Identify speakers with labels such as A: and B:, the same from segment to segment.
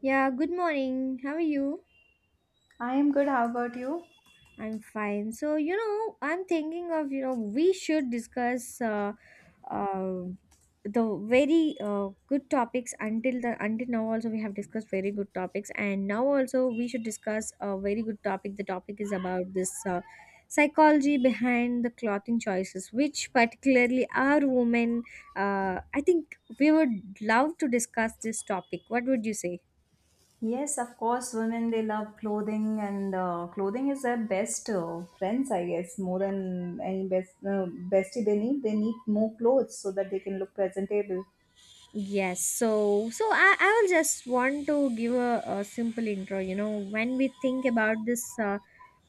A: Yeah, good morning. How are you?
B: I am good. How about you?
A: I'm fine. So, you know, I'm thinking of, you know, we should discuss uh, the very good topics until the until now also we have discussed very good topics, and now also we should discuss a very good topic. The topic is about this psychology behind the clothing choices, which particularly our women, I think we would love to discuss this topic. What would you say?
B: Yes, of course. Women they love clothing, and clothing is their best friends, I guess. More than any best bestie, they need more clothes so that they can look presentable.
A: Yes, so I will just want to give a simple intro. You know, when we think about this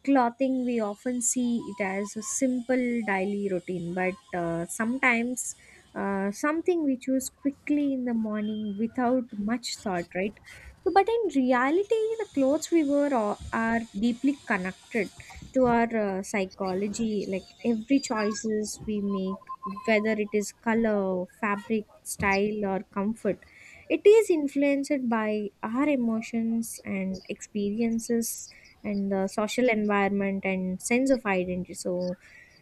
A: clothing, we often see it as a simple daily routine, but sometimes something we choose quickly in the morning without much thought, right? So but in reality, the clothes we wear are deeply connected to our psychology. Like every choices we make, whether it is color, fabric, style, or comfort, it is influenced by our emotions and experiences, and the social environment and sense of identity. So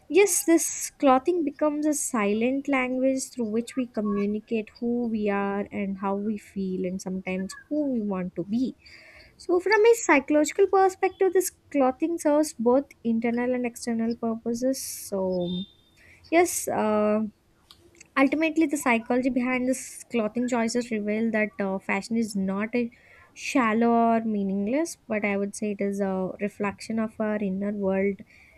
A: yes, this clothing becomes a silent language through which we communicate who we are and how we feel, and sometimes who we want to be. So from a psychological perspective, this clothing serves both internal and external purposes. So yes, ultimately, the psychology behind this clothing choices reveal that fashion is not a shallow or meaningless, but I would say it is a reflection of our inner world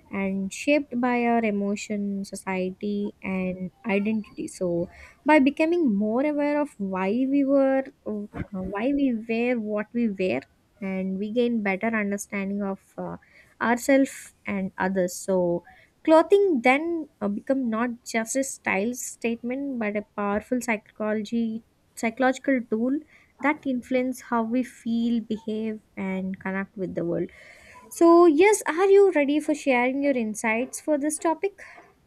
A: and shaped by our emotion, society, and identity. So by becoming more aware of why we wear what we wear, and we gain better understanding of ourselves and others. So clothing then become not just a style statement but a powerful psychology psychological tool that influence how we feel, behave, and connect with the world. So yes, are you ready for sharing your insights for this topic?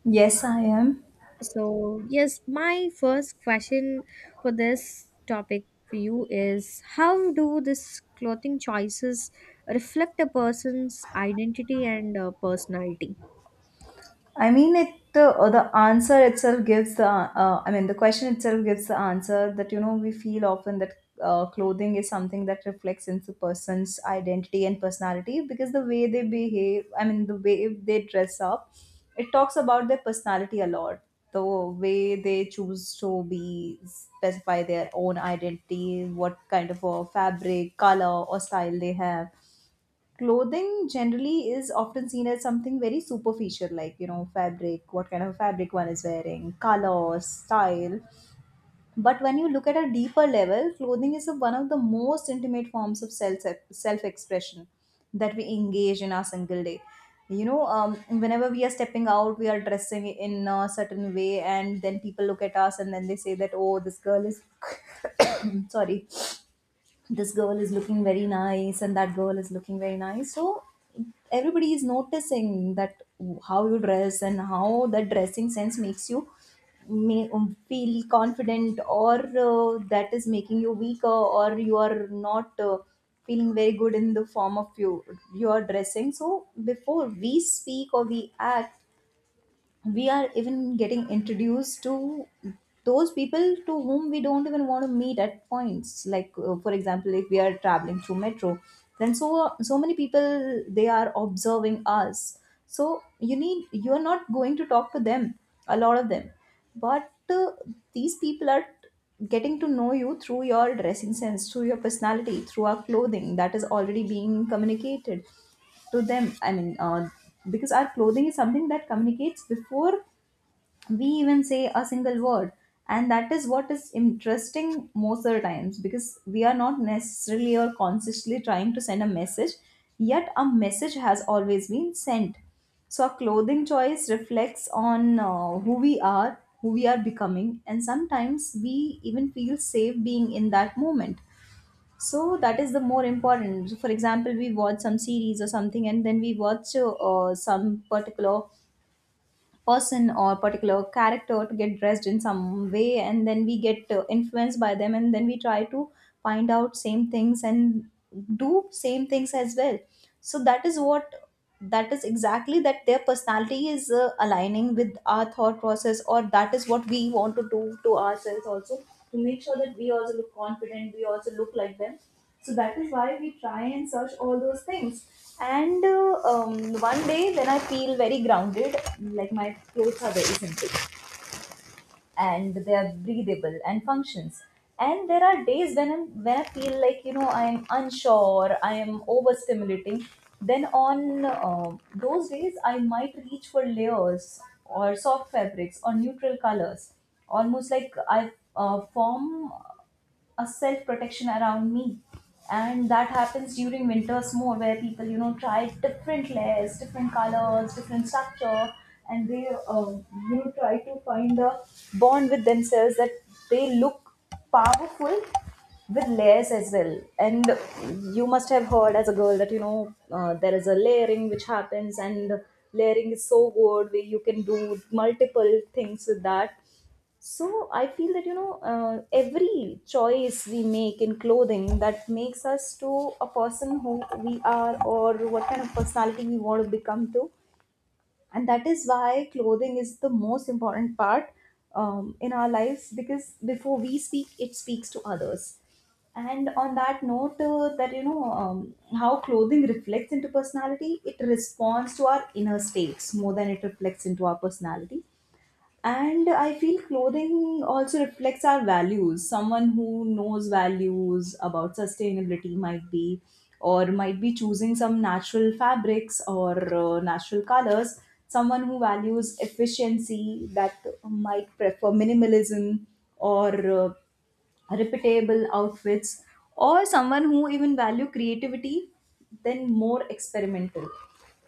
B: Yes, I am.
A: So yes, my first question for this topic for you is, how do this clothing choices reflect a person's identity and personality?
B: I mean, it the answer itself gives the I mean the question itself gives the answer that we feel often that clothing is something that reflects into person's identity and personality, because the way they behave, I mean the way they dress up, it talks about their personality a lot. The way they choose to be specify their own identity, what kind of a fabric, color, or style they have. Clothing generally is often seen as something very superficial, like fabric, what kind of fabric one is wearing, color, style. But when you look at a deeper level, clothing is one of the most intimate forms of self expression that we engage in our single day. you know um, Whenever we are stepping out, we are dressing in a certain way, and then people look at us and then they say that, oh, this girl is sorry, this girl is looking very nice and that girl is looking very nice. So everybody is noticing that how you dress and how that dressing sense makes you may feel confident, or that is making you weaker, or you are not feeling very good in the form of your dressing. So before we speak or we act, we are even getting introduced to those people to whom we don't even want to meet at points, like for example, if we are traveling through metro, then so many people they are observing us. So you are not going to talk to them, a lot of them, but these people are getting to know you through your dressing sense, through your personality, through our clothing that is already being communicated to them. I mean, because our clothing is something that communicates before we even say a single word, and that is what is interesting most of the times, because we are not necessarily or consciously trying to send a message, yet a message has always been sent. So our clothing choice reflects on who we are, who we are becoming, and sometimes we even feel safe being in that moment. So that is the more important. So, for example, we watch some series or something and then we watch some particular person or particular character to get dressed in some way, and then we get influenced by them, and then we try to find out same things and do same things as well. So that is what, that is exactly that their personality is aligning with our thought process, or that is what we want to do to ourselves also, to make sure that we also look confident, we also look like them. So that is why we try and search all those things. And one day when I feel very grounded, like my clothes are very simple and they are breathable and functions. And there are days when I feel like I am unsure, I am overstimulating. Then on those days, I might reach for layers or soft fabrics or neutral colors, almost like I form a self protection around me. And that happens during winters more, where people try different layers, different colors, different structure, and they try to find a bond with themselves, that they look powerful with layers as well. And you must have heard as a girl that there is a layering which happens, and layering is so good where you can do multiple things with that. So I feel that every choice we make in clothing that makes us to a person who we are or what kind of personality we want to become to, and that is why clothing is the most important part in our lives, because before we speak, it speaks to others. And on that note, that how clothing reflects into personality, it responds to our inner states more than it reflects into our personality. And I feel clothing also reflects our values. Someone who knows values about sustainability might be choosing some natural fabrics or natural colors. Someone who values efficiency, that might prefer minimalism or reputable outfits, or someone who even value creativity, then more experimental,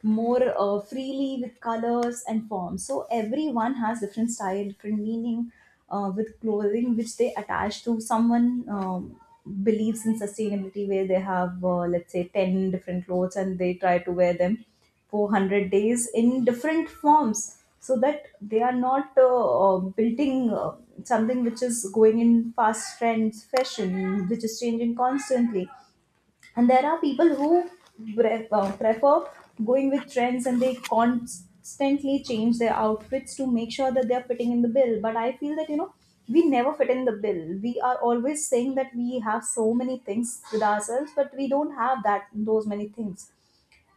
B: more freely with colors and forms. So everyone has different style, different meaning with clothing which they attach to. Someone believes in sustainability where they have let's say 10 different clothes and they try to wear them 400 days in different forms, so that they are not building something which is going in fast trends fashion, which is changing constantly. And there are people who prefer going with trends, and they constantly change their outfits to make sure that they are fitting in the bill. But I feel that you know, we never fit in the bill. We are always saying that we have so many things with ourselves, but we don't have that, those many things.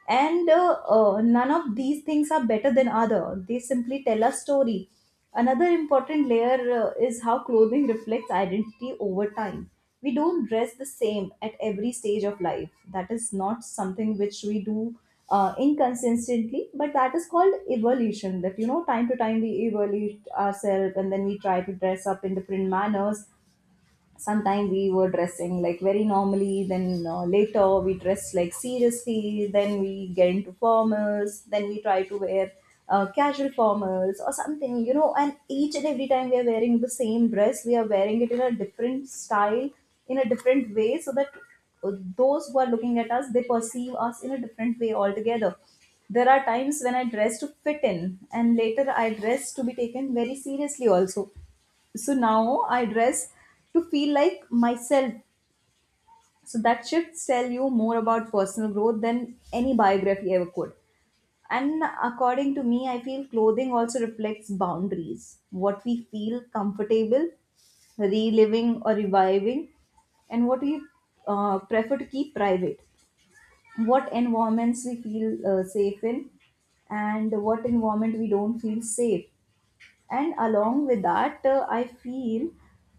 B: And none of these things are better than other. They simply tell a story. Another important layer is how clothing reflects identity over time. We don't dress the same at every stage of life. That is not something which we do inconsistently, but that is called evolution, that time to time we evaluate ourselves and then we try to dress up in different manners. Sometimes we were dressing like very normally, then later we dress like seriously, then we get into formals, then we try to wear casual formals or something, you know, and each and every time we are wearing the same dress we are wearing it in a different style, in a different way, so that those who are looking at us, they perceive us in a different way altogether. There are times when I dress to fit in, and later I dress to be taken very seriously also. So now I dress to feel like myself. So that shifts tell you more about personal growth than any biography ever could. And according to me, I feel clothing also reflects boundaries, what we feel comfortable reliving or reviving, and what we prefer to keep private, what environments we feel safe in, and what environment we don't feel safe. And along with that, I feel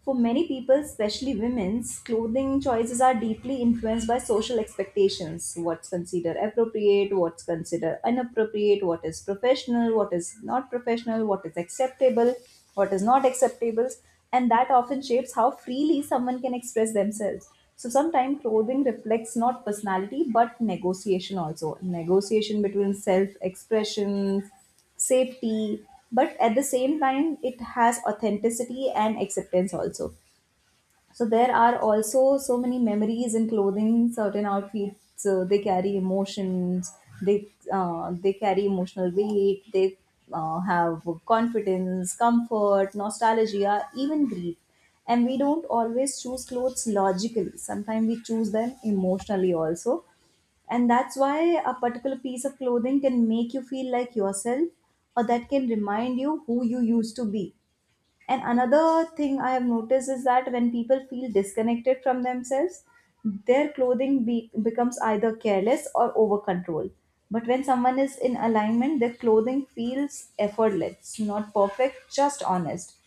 B: for many people, especially women's clothing choices are deeply influenced by social expectations, what's considered appropriate, what's considered inappropriate, what is professional, what is not professional, what is acceptable, what is not acceptable. And that often shapes how freely someone can express themselves. So sometimes clothing reflects not personality but negotiation also, negotiation between self expression, safety, but at the same time it has authenticity and acceptance also. So there are also so many memories in clothing. Certain outfits, they carry emotions. They carry emotional weight. They have confidence, comfort, nostalgia, even grief. And we don't always choose clothes logically. Sometimes we choose them emotionally also. And that's why a particular piece of clothing can make you feel like yourself, or that can remind you who you used to be. And another thing I have noticed is that when people feel disconnected from themselves, their clothing becomes either careless or over control. But when someone is in alignment, their clothing feels effortless, not perfect, just honest.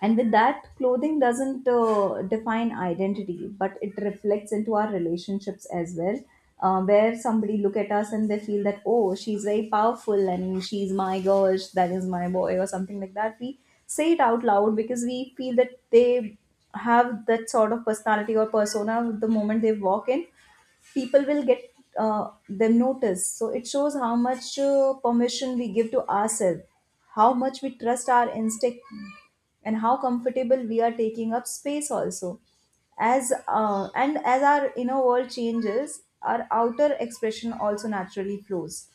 B: And with that, clothing doesn't define identity, but it reflects into our relationships as well, where somebody look at us and they feel that, oh, she's very powerful and she's my girl, that is my boy or something like that. We say it out loud because we feel that they have that sort of personality or persona. The moment they walk in, people will get them notice. So it shows how much permission we give to ourselves, how much we trust our instinct, and how comfortable we are taking up space also. As and as our inner world changes, our outer expression also naturally flows.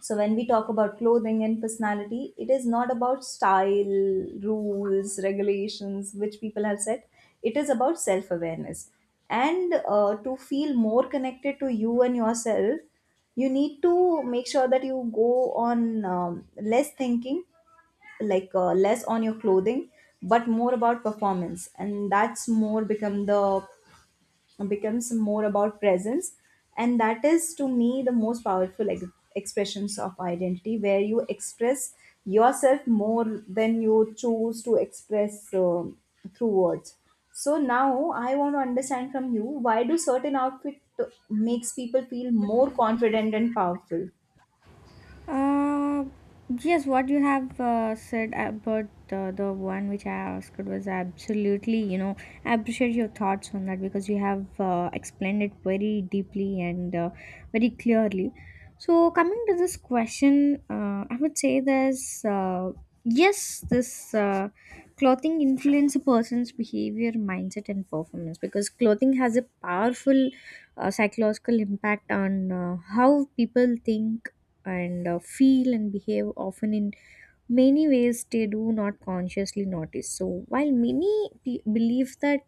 B: So when we talk about clothing and personality, it is not about style, rules, regulations, which people have set. It is about self awareness. And to feel more connected to you and yourself, you need to make sure that you go on less thinking, like less on your clothing, but more about performance. And that's more becomes more about presence, and that is to me the most powerful expressions of identity, where you express yourself more than you choose to express through words. So now I want to understand from you, why do certain outfit makes people feel more confident and powerful?
A: Uh, yes, what you have said about the one which I asked was absolutely, you know, I appreciate your thoughts on that because you have explained it very deeply and very clearly. So coming to this question, I would say this clothing influence a person's behavior, mindset, and performance because clothing has a powerful psychological impact on how people think and feel and behave, often in many ways they do not consciously notice. So while many pe- believe that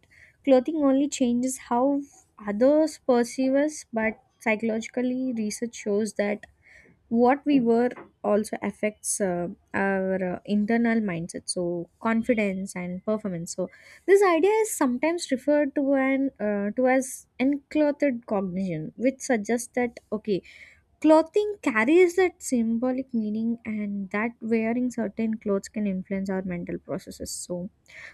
A: clothing only changes how others perceive us, but psychologically, research shows that what we wear also affects our internal mindset, so confidence and performance. So this idea is sometimes referred to an to as enclothed cognition, which suggests that okay, clothing carries that symbolic meaning, and that wearing certain clothes can influence our mental processes. So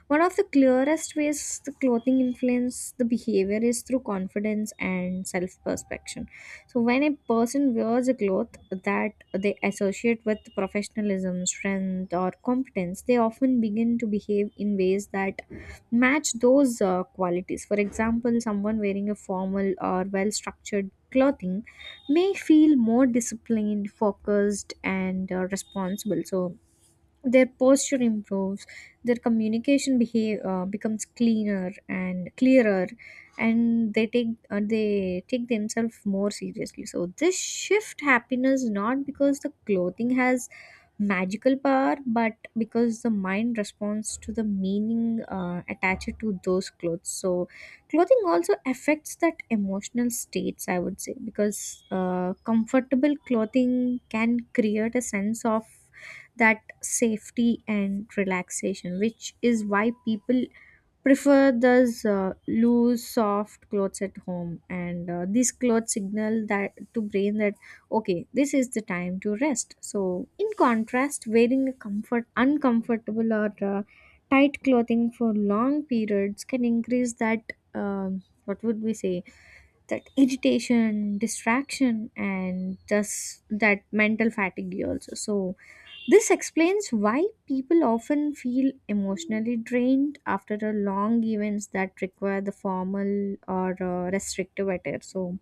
A: one of the clearest ways the clothing influence the behavior is through confidence and self-perception. So when a person wears a cloth that they associate with professionalism, strength, or competence, they often begin to behave in ways that match those qualities. For example, someone wearing a formal or well-structured clothing may feel more disciplined, focused, and responsible. So their posture improves, their communication becomes cleaner and clearer, and they take themselves more seriously. So this shift happiness not because the clothing has magical power, but because the mind responds to the meaning attached to those clothes. So clothing also affects that emotional states. I would say because comfortable clothing can create a sense of that safety and relaxation, which is why people prefer those loose, soft clothes at home. And these clothes signal that to brain that okay, this is the time to rest. So in contrast, wearing a uncomfortable or tight clothing for long periods can increase that. What would we say, that irritation, distraction, and thus that mental fatigue also. So this explains why people often feel emotionally drained after a long events that require the formal or restrictive attire. So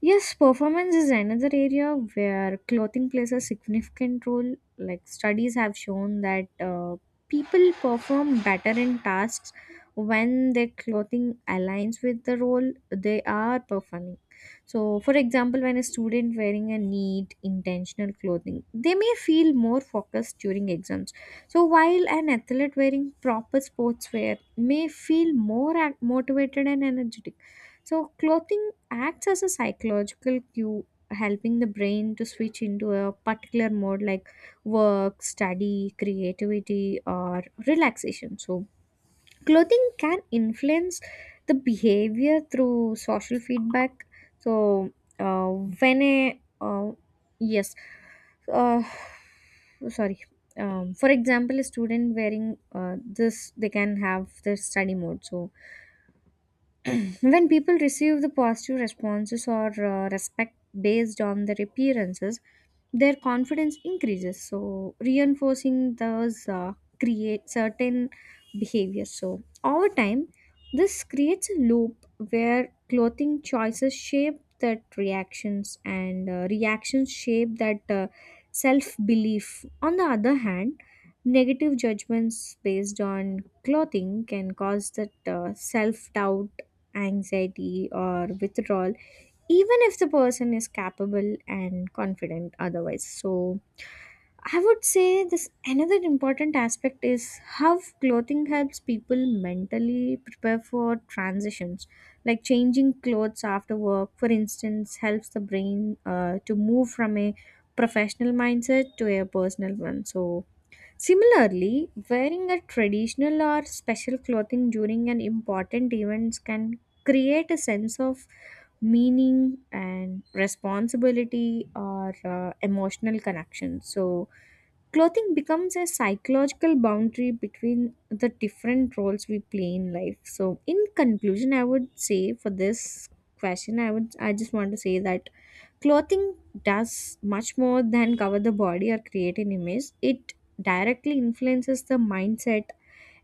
A: yes, performance is another area where clothing plays a significant role. Like studies have shown that people perform better in tasks when their clothing aligns with the role they are performing. So for example, when a student wearing a neat, intentional clothing, they may feel more focused during exams. So while an athlete wearing proper sportswear may feel more ac- motivated and energetic, so clothing acts as a psychological cue, helping the brain to switch into a particular mode like work, study, creativity, or relaxation. So clothing can influence the behavior through social feedback. So, uh, when a uh, yes, uh, sorry. For example, a student wearing this, they can have the study mode. So when people receive the positive responses or respect based on their appearances, their confidence increases, so reinforcing those create certain behaviors. So over time, this creates a loop where clothing choices shape that reactions, and reactions shape that self belief. On the other hand, negative judgments based on clothing can cause that self doubt, anxiety, or withdrawal, even if the person is capable and confident otherwise. So I would say this another important aspect is how clothing helps people mentally prepare for transitions, like changing clothes after work, for instance, helps the brain to move from a professional mindset to a personal one. So similarly, wearing a traditional or special clothing during an important events can create a sense of meaning and responsibility or emotional connection. So clothing becomes a psychological boundary between the different roles we play in life. So in conclusion, I would say for this question, I just want to say that clothing does much more than cover the body or create an image. It directly influences the mindset,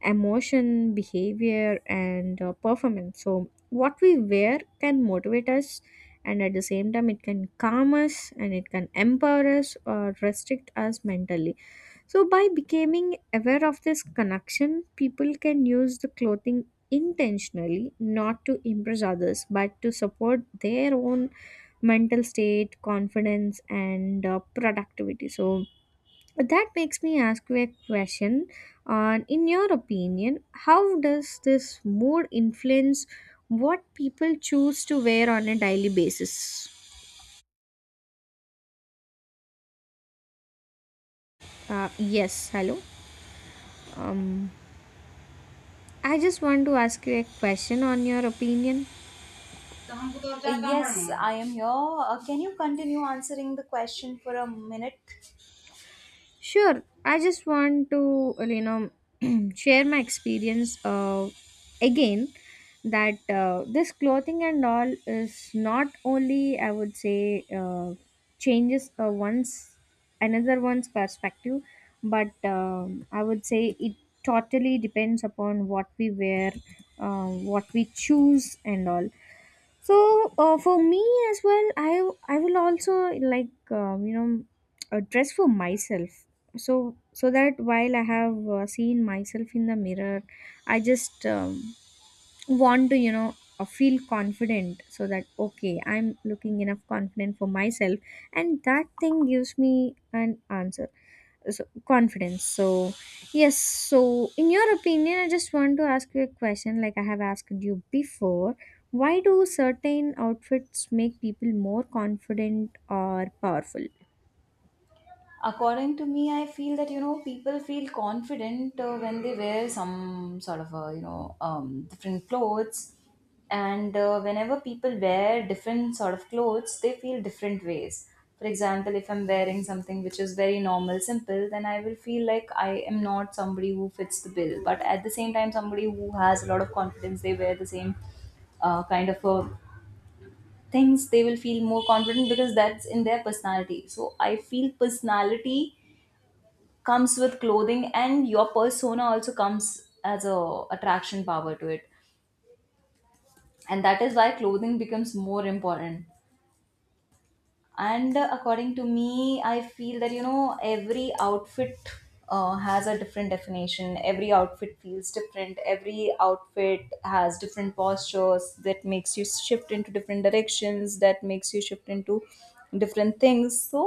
A: emotion, behavior, and performance. So what we wear can motivate us, and at the same time, it can calm us and it can empower us or restrict us mentally. So by becoming aware of this connection, people can use the clothing intentionally, not to impress others but to support their own mental state, confidence, and productivity. So but that makes me ask you a question on, in your opinion, how does this mood influence what people choose to wear on a daily basis? Yes, hello. Um, I just want to ask you a question on your opinion.
B: Yes, I am here. Can you continue answering the question for a minute?
A: Sure, I just want to you know, share my experience, again, that this clothing and all is not only, I would say, changes one's another one's perspective, but I would say it totally depends upon what we wear, what we choose, and all. So for me as well, I will also like, you know, dress for myself, so so that while I have seen myself in the mirror, I just want to, you know, feel confident, so that okay, I'm looking enough confident for myself, and that thing gives me an answer. So confidence. So yes, so in your opinion, I just want to ask you a question, like I have asked you before, why do certain outfits make people more confident or powerful?
B: According to me, I feel that you know, people feel confident when they wear some sort of different clothes. And whenever people wear different sort of clothes, they feel different ways. For example, if I'm wearing something which is very normal, simple, then I will feel like I am not somebody who fits the bill. But at the same time, somebody who has a lot of confidence, they wear the same kind of things, they will feel more confident because that's in their personality. So I feel personality comes with clothing, and your persona also comes as a attraction power to it, and that is why clothing becomes more important. And according to me, I feel that you know, every outfit has a different definition. Every outfit feels different. Every outfit has different postures that makes you shift into different directions, that makes you shift into different things. So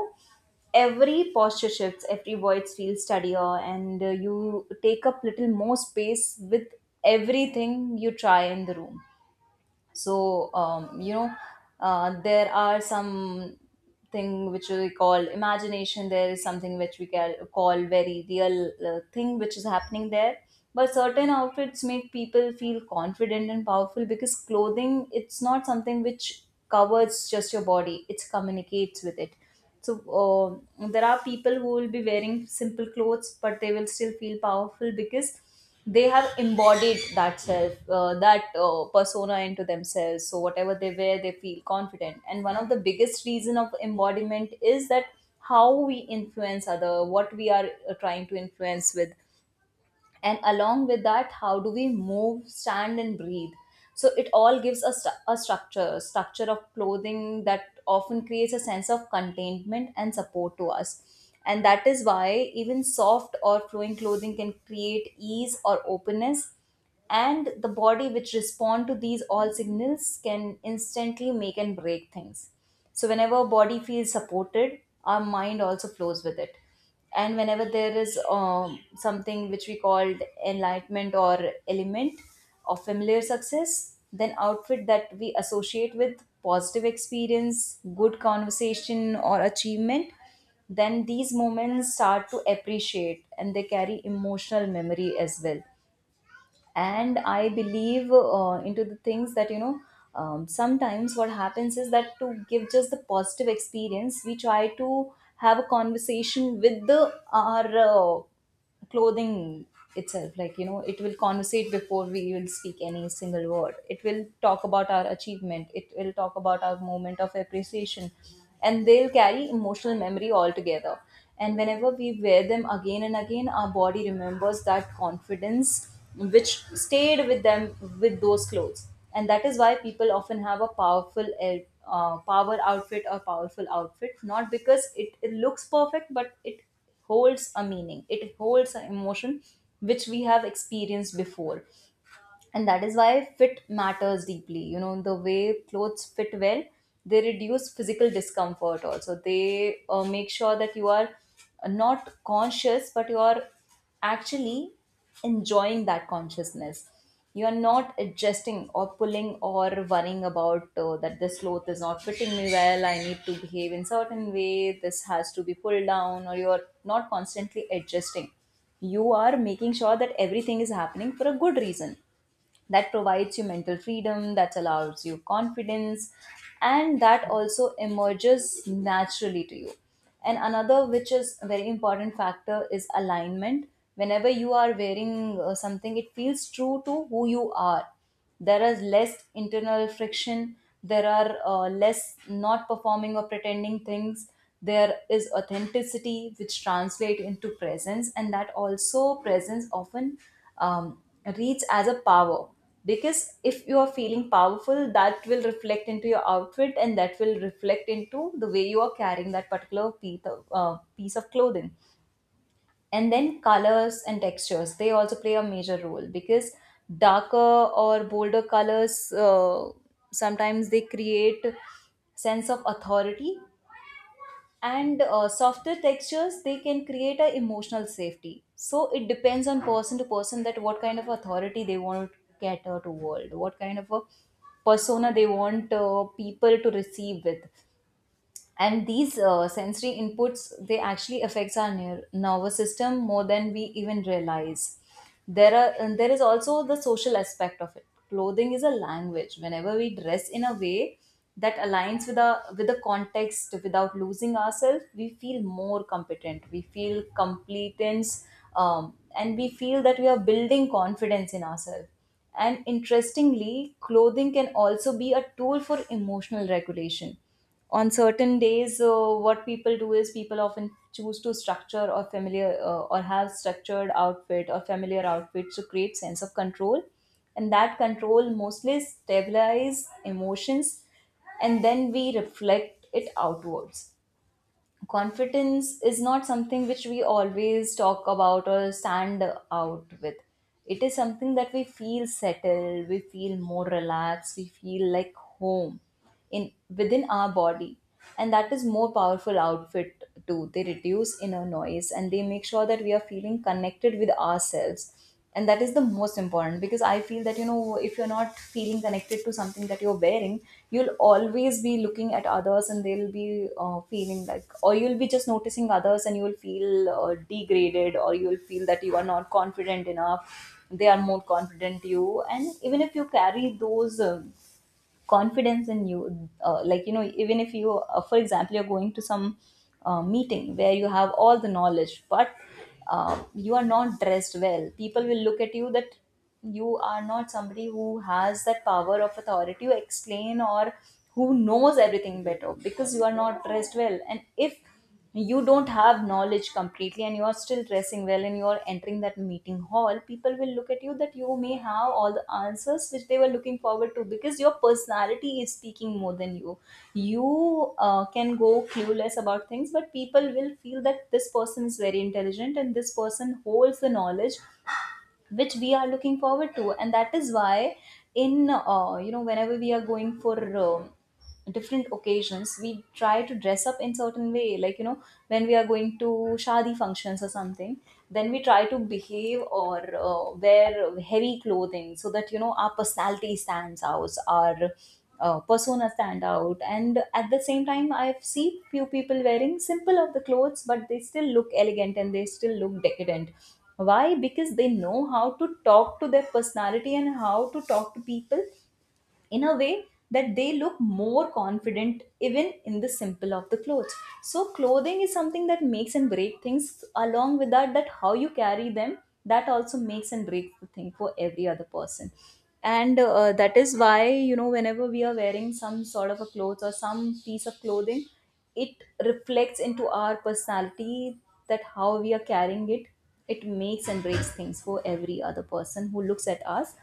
B: every posture shifts, every voice feels steadier, and you take up little more space with everything you try in the room. So there are some thing which we call imagination. There is something which we can call very real thing which is happening there. But certain outfits make people feel confident and powerful because clothing, it's not something which covers just your body, it communicates with it. So there are people who will be wearing simple clothes, but they will still feel powerful because they have embodied that self, that persona into themselves. So whatever they wear, they feel confident. And one of the biggest reason of embodiment is that how we influence other, what we are trying to influence with, and along with that, how do we move, stand and breathe. So it all gives us a structure of clothing that often creates a sense of containment and support to us. And that is why even soft or flowing clothing can create ease or openness, and the body which respond to these all signals can instantly make and break things. So whenever body feels supported, our mind also flows with it. And whenever there is something which we called enlightenment or element of familiar success, then outfit that we associate with positive experience, good conversation or achievement, then these moments start to appreciate and they carry emotional memory as well. And I believe into the things that you know, sometimes what happens is that, to give just the positive experience, we try to have a conversation with the our clothing itself. Like you know, it will conversate before we will speak any single word. It will talk about our achievement, it will talk about our moment of appreciation, and they'll carry emotional memory altogether. And whenever we wear them again and again, our body remembers that confidence which stayed with them, with those clothes. And that is why people often have a powerful power outfit or powerful outfit, not because it looks perfect, but it holds a meaning, it holds an emotion which we have experienced before. And that is why fit matters deeply. You know, the way clothes fit well, they reduce physical discomfort also. They make sure that you are not conscious, but you are actually enjoying that consciousness. You are not adjusting or pulling or worrying about that this cloth is not fitting me well, I need to behave in certain way, this has to be pulled down, or you are not constantly adjusting. You are making sure that everything is happening for a good reason. That provides you mental freedom, that allows you confidence, and that also emerges naturally to you. And another which is a very important factor is alignment. Whenever you are wearing something, it feels true to who you are. There is less internal friction. There are less not performing or pretending things. There is authenticity which translate into presence, and that also presence often um, reads as a power. Because if you are feeling powerful, that will reflect into your outfit, and that will reflect into the way you are carrying that particular piece of clothing. And then colors and textures, they also play a major role, because darker or bolder colors sometimes they create sense of authority, and softer textures, they can create a emotional safety. So it depends on person to person, that what kind of authority they want to cater to world, what kind of a persona they want people to receive with. And these sensory inputs, they actually affects our nervous system more than we even realize. There are, and there is also the social aspect of it. Clothing is a language. Whenever we dress in a way that aligns with our, with the context without losing ourselves, we feel more competent, we feel competence, and we feel that we are building confidence in ourselves. And interestingly, clothing can also be a tool for emotional regulation. On certain days, what people do is, people often choose to structure or familiar or have structured outfit or familiar outfits to create sense of control, and that control mostly stabilize emotions, and then we reflect it outwards. Confidence is not something which we always talk about or stand out with. It is something that we feel settled, we feel more relaxed, we feel like home in within our body. And that is more powerful outfit too. They reduce inner noise and they make sure that we are feeling connected with ourselves. And that is the most important, because I feel that you know, if you're not feeling connected to something that you're wearing, you'll always be looking at others, and they'll be feeling like, or you'll be just noticing others, and you'll feel degraded, or you'll feel that you are not confident enough, they are more confident you. And even if you carry those confidence in you, like you know, even if you for example, you're going to some meeting where you have all the knowledge, but you are not dressed well, people will look at you that you are not somebody who has that power of authority to explain, or who knows everything better, because you are not dressed well. And if you don't have knowledge completely, and you are still dressing well, and you are entering that meeting hall, people will look at you that you may have all the answers which they were looking forward to, because your personality is speaking more than you. You can go clueless about things, but people will feel that this person is very intelligent, and this person holds the knowledge which we are looking forward to. And that is why in whenever we are going for different occasions, we try to dress up in certain way. Like you know, when we are going to shadi functions or something, then we try to behave or wear heavy clothing, so that you know, our personality stands out, our persona stand out. And at the same time, I've seen few people wearing simple of the clothes, but they still look elegant and they still look decadent. Why? Because they know how to talk to their personality and how to talk to people in a way that they look more confident even in the simple of the clothes. So clothing is something that makes and break things. Along with that, that how you carry them, that also makes and breaks the thing for every other person. And that is why you know whenever we are wearing some sort of a clothes or some piece of clothing it reflects into our personality that how we are carrying it it makes and breaks things for every other person who looks at us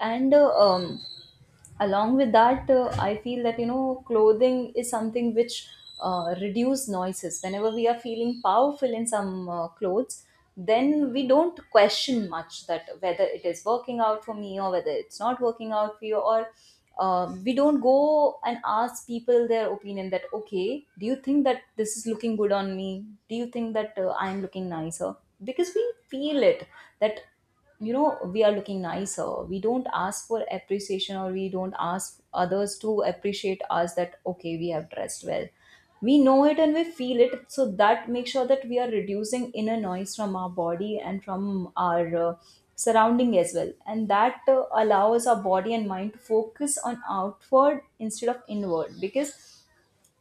B: and along with that, I feel that you know, clothing is something which reduce noises. Whenever we are feeling powerful in some clothes, then we don't question much that whether it is working out for me, or whether it's not working out for you, or we don't go and ask people their opinion, that okay, do you think that this is looking good on me, do you think that I'm looking nicer, because we feel it. That you know, we are looking nicer. We don't ask for appreciation, or we don't ask others to appreciate us, that okay, we have dressed well. We know it and we feel it. So that makes sure that we are reducing inner noise from our body and from our surrounding as well. And that allows our body and mind to focus on outward instead of inward. Because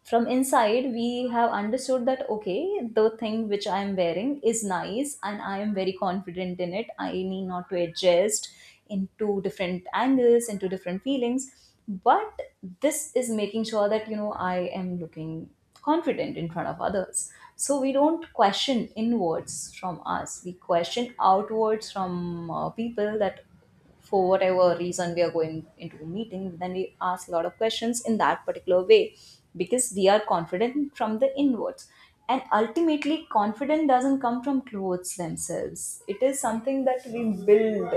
B: from inside we have understood that okay, the thing which I am wearing is nice and I am very confident in it. I need not to adjust into different angles, into different feelings. But this is making sure that you know, I am looking confident in front of others. So we don't question inwards from us, we question outwards from people. That for whatever reason we are going into a meeting, then we ask a lot of questions in that particular way, because we are confident from the inwards. And ultimately, confidence doesn't come from clothes themselves. It is something that we build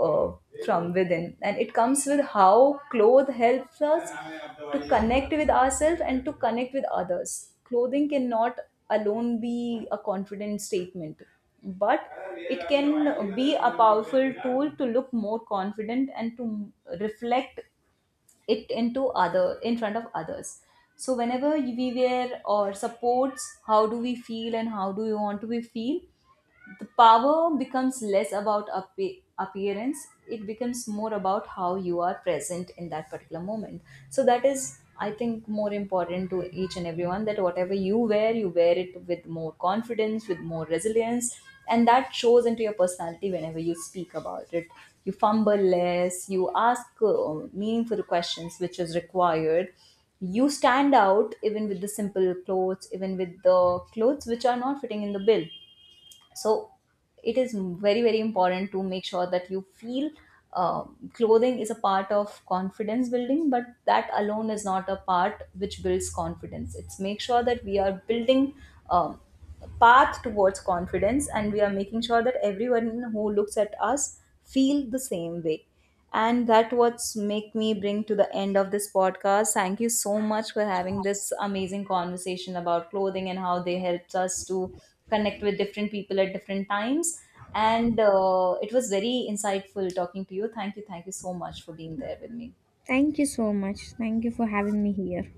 B: uh, from within, and it comes with how clothes helps us to connect with ourselves and to connect with others. Clothing cannot alone be a confident statement, but it can be a powerful tool to look more confident and to reflect it into other, in front of others. So whenever we wear or supports how do we feel and how do we want to be feel, the power becomes less about appearance, it becomes more about how you are present in that particular moment. So that is I think more important to each and everyone, that whatever you wear, you wear it with more confidence, with more resilience. And that shows into your personality. Whenever you speak about it, you fumble less, you ask meaningful questions which is required. You stand out even with the simple clothes, even with the clothes which are not fitting in the bill. So it is very very important to make sure that you feel, clothing is a part of confidence building, but that alone is not a part which builds confidence. It's make sure that we are building um, a path towards confidence, and we are making sure that everyone who looks at us feel the same way. And that what's make me bring to the end of this podcast. Thank you so much for having this amazing conversation about clothing and how they helped us to connect with different people at different times. And it was very insightful talking to you. Thank you. Thank you so much for being there with me.
A: Thank you so much. Thank you for having me here.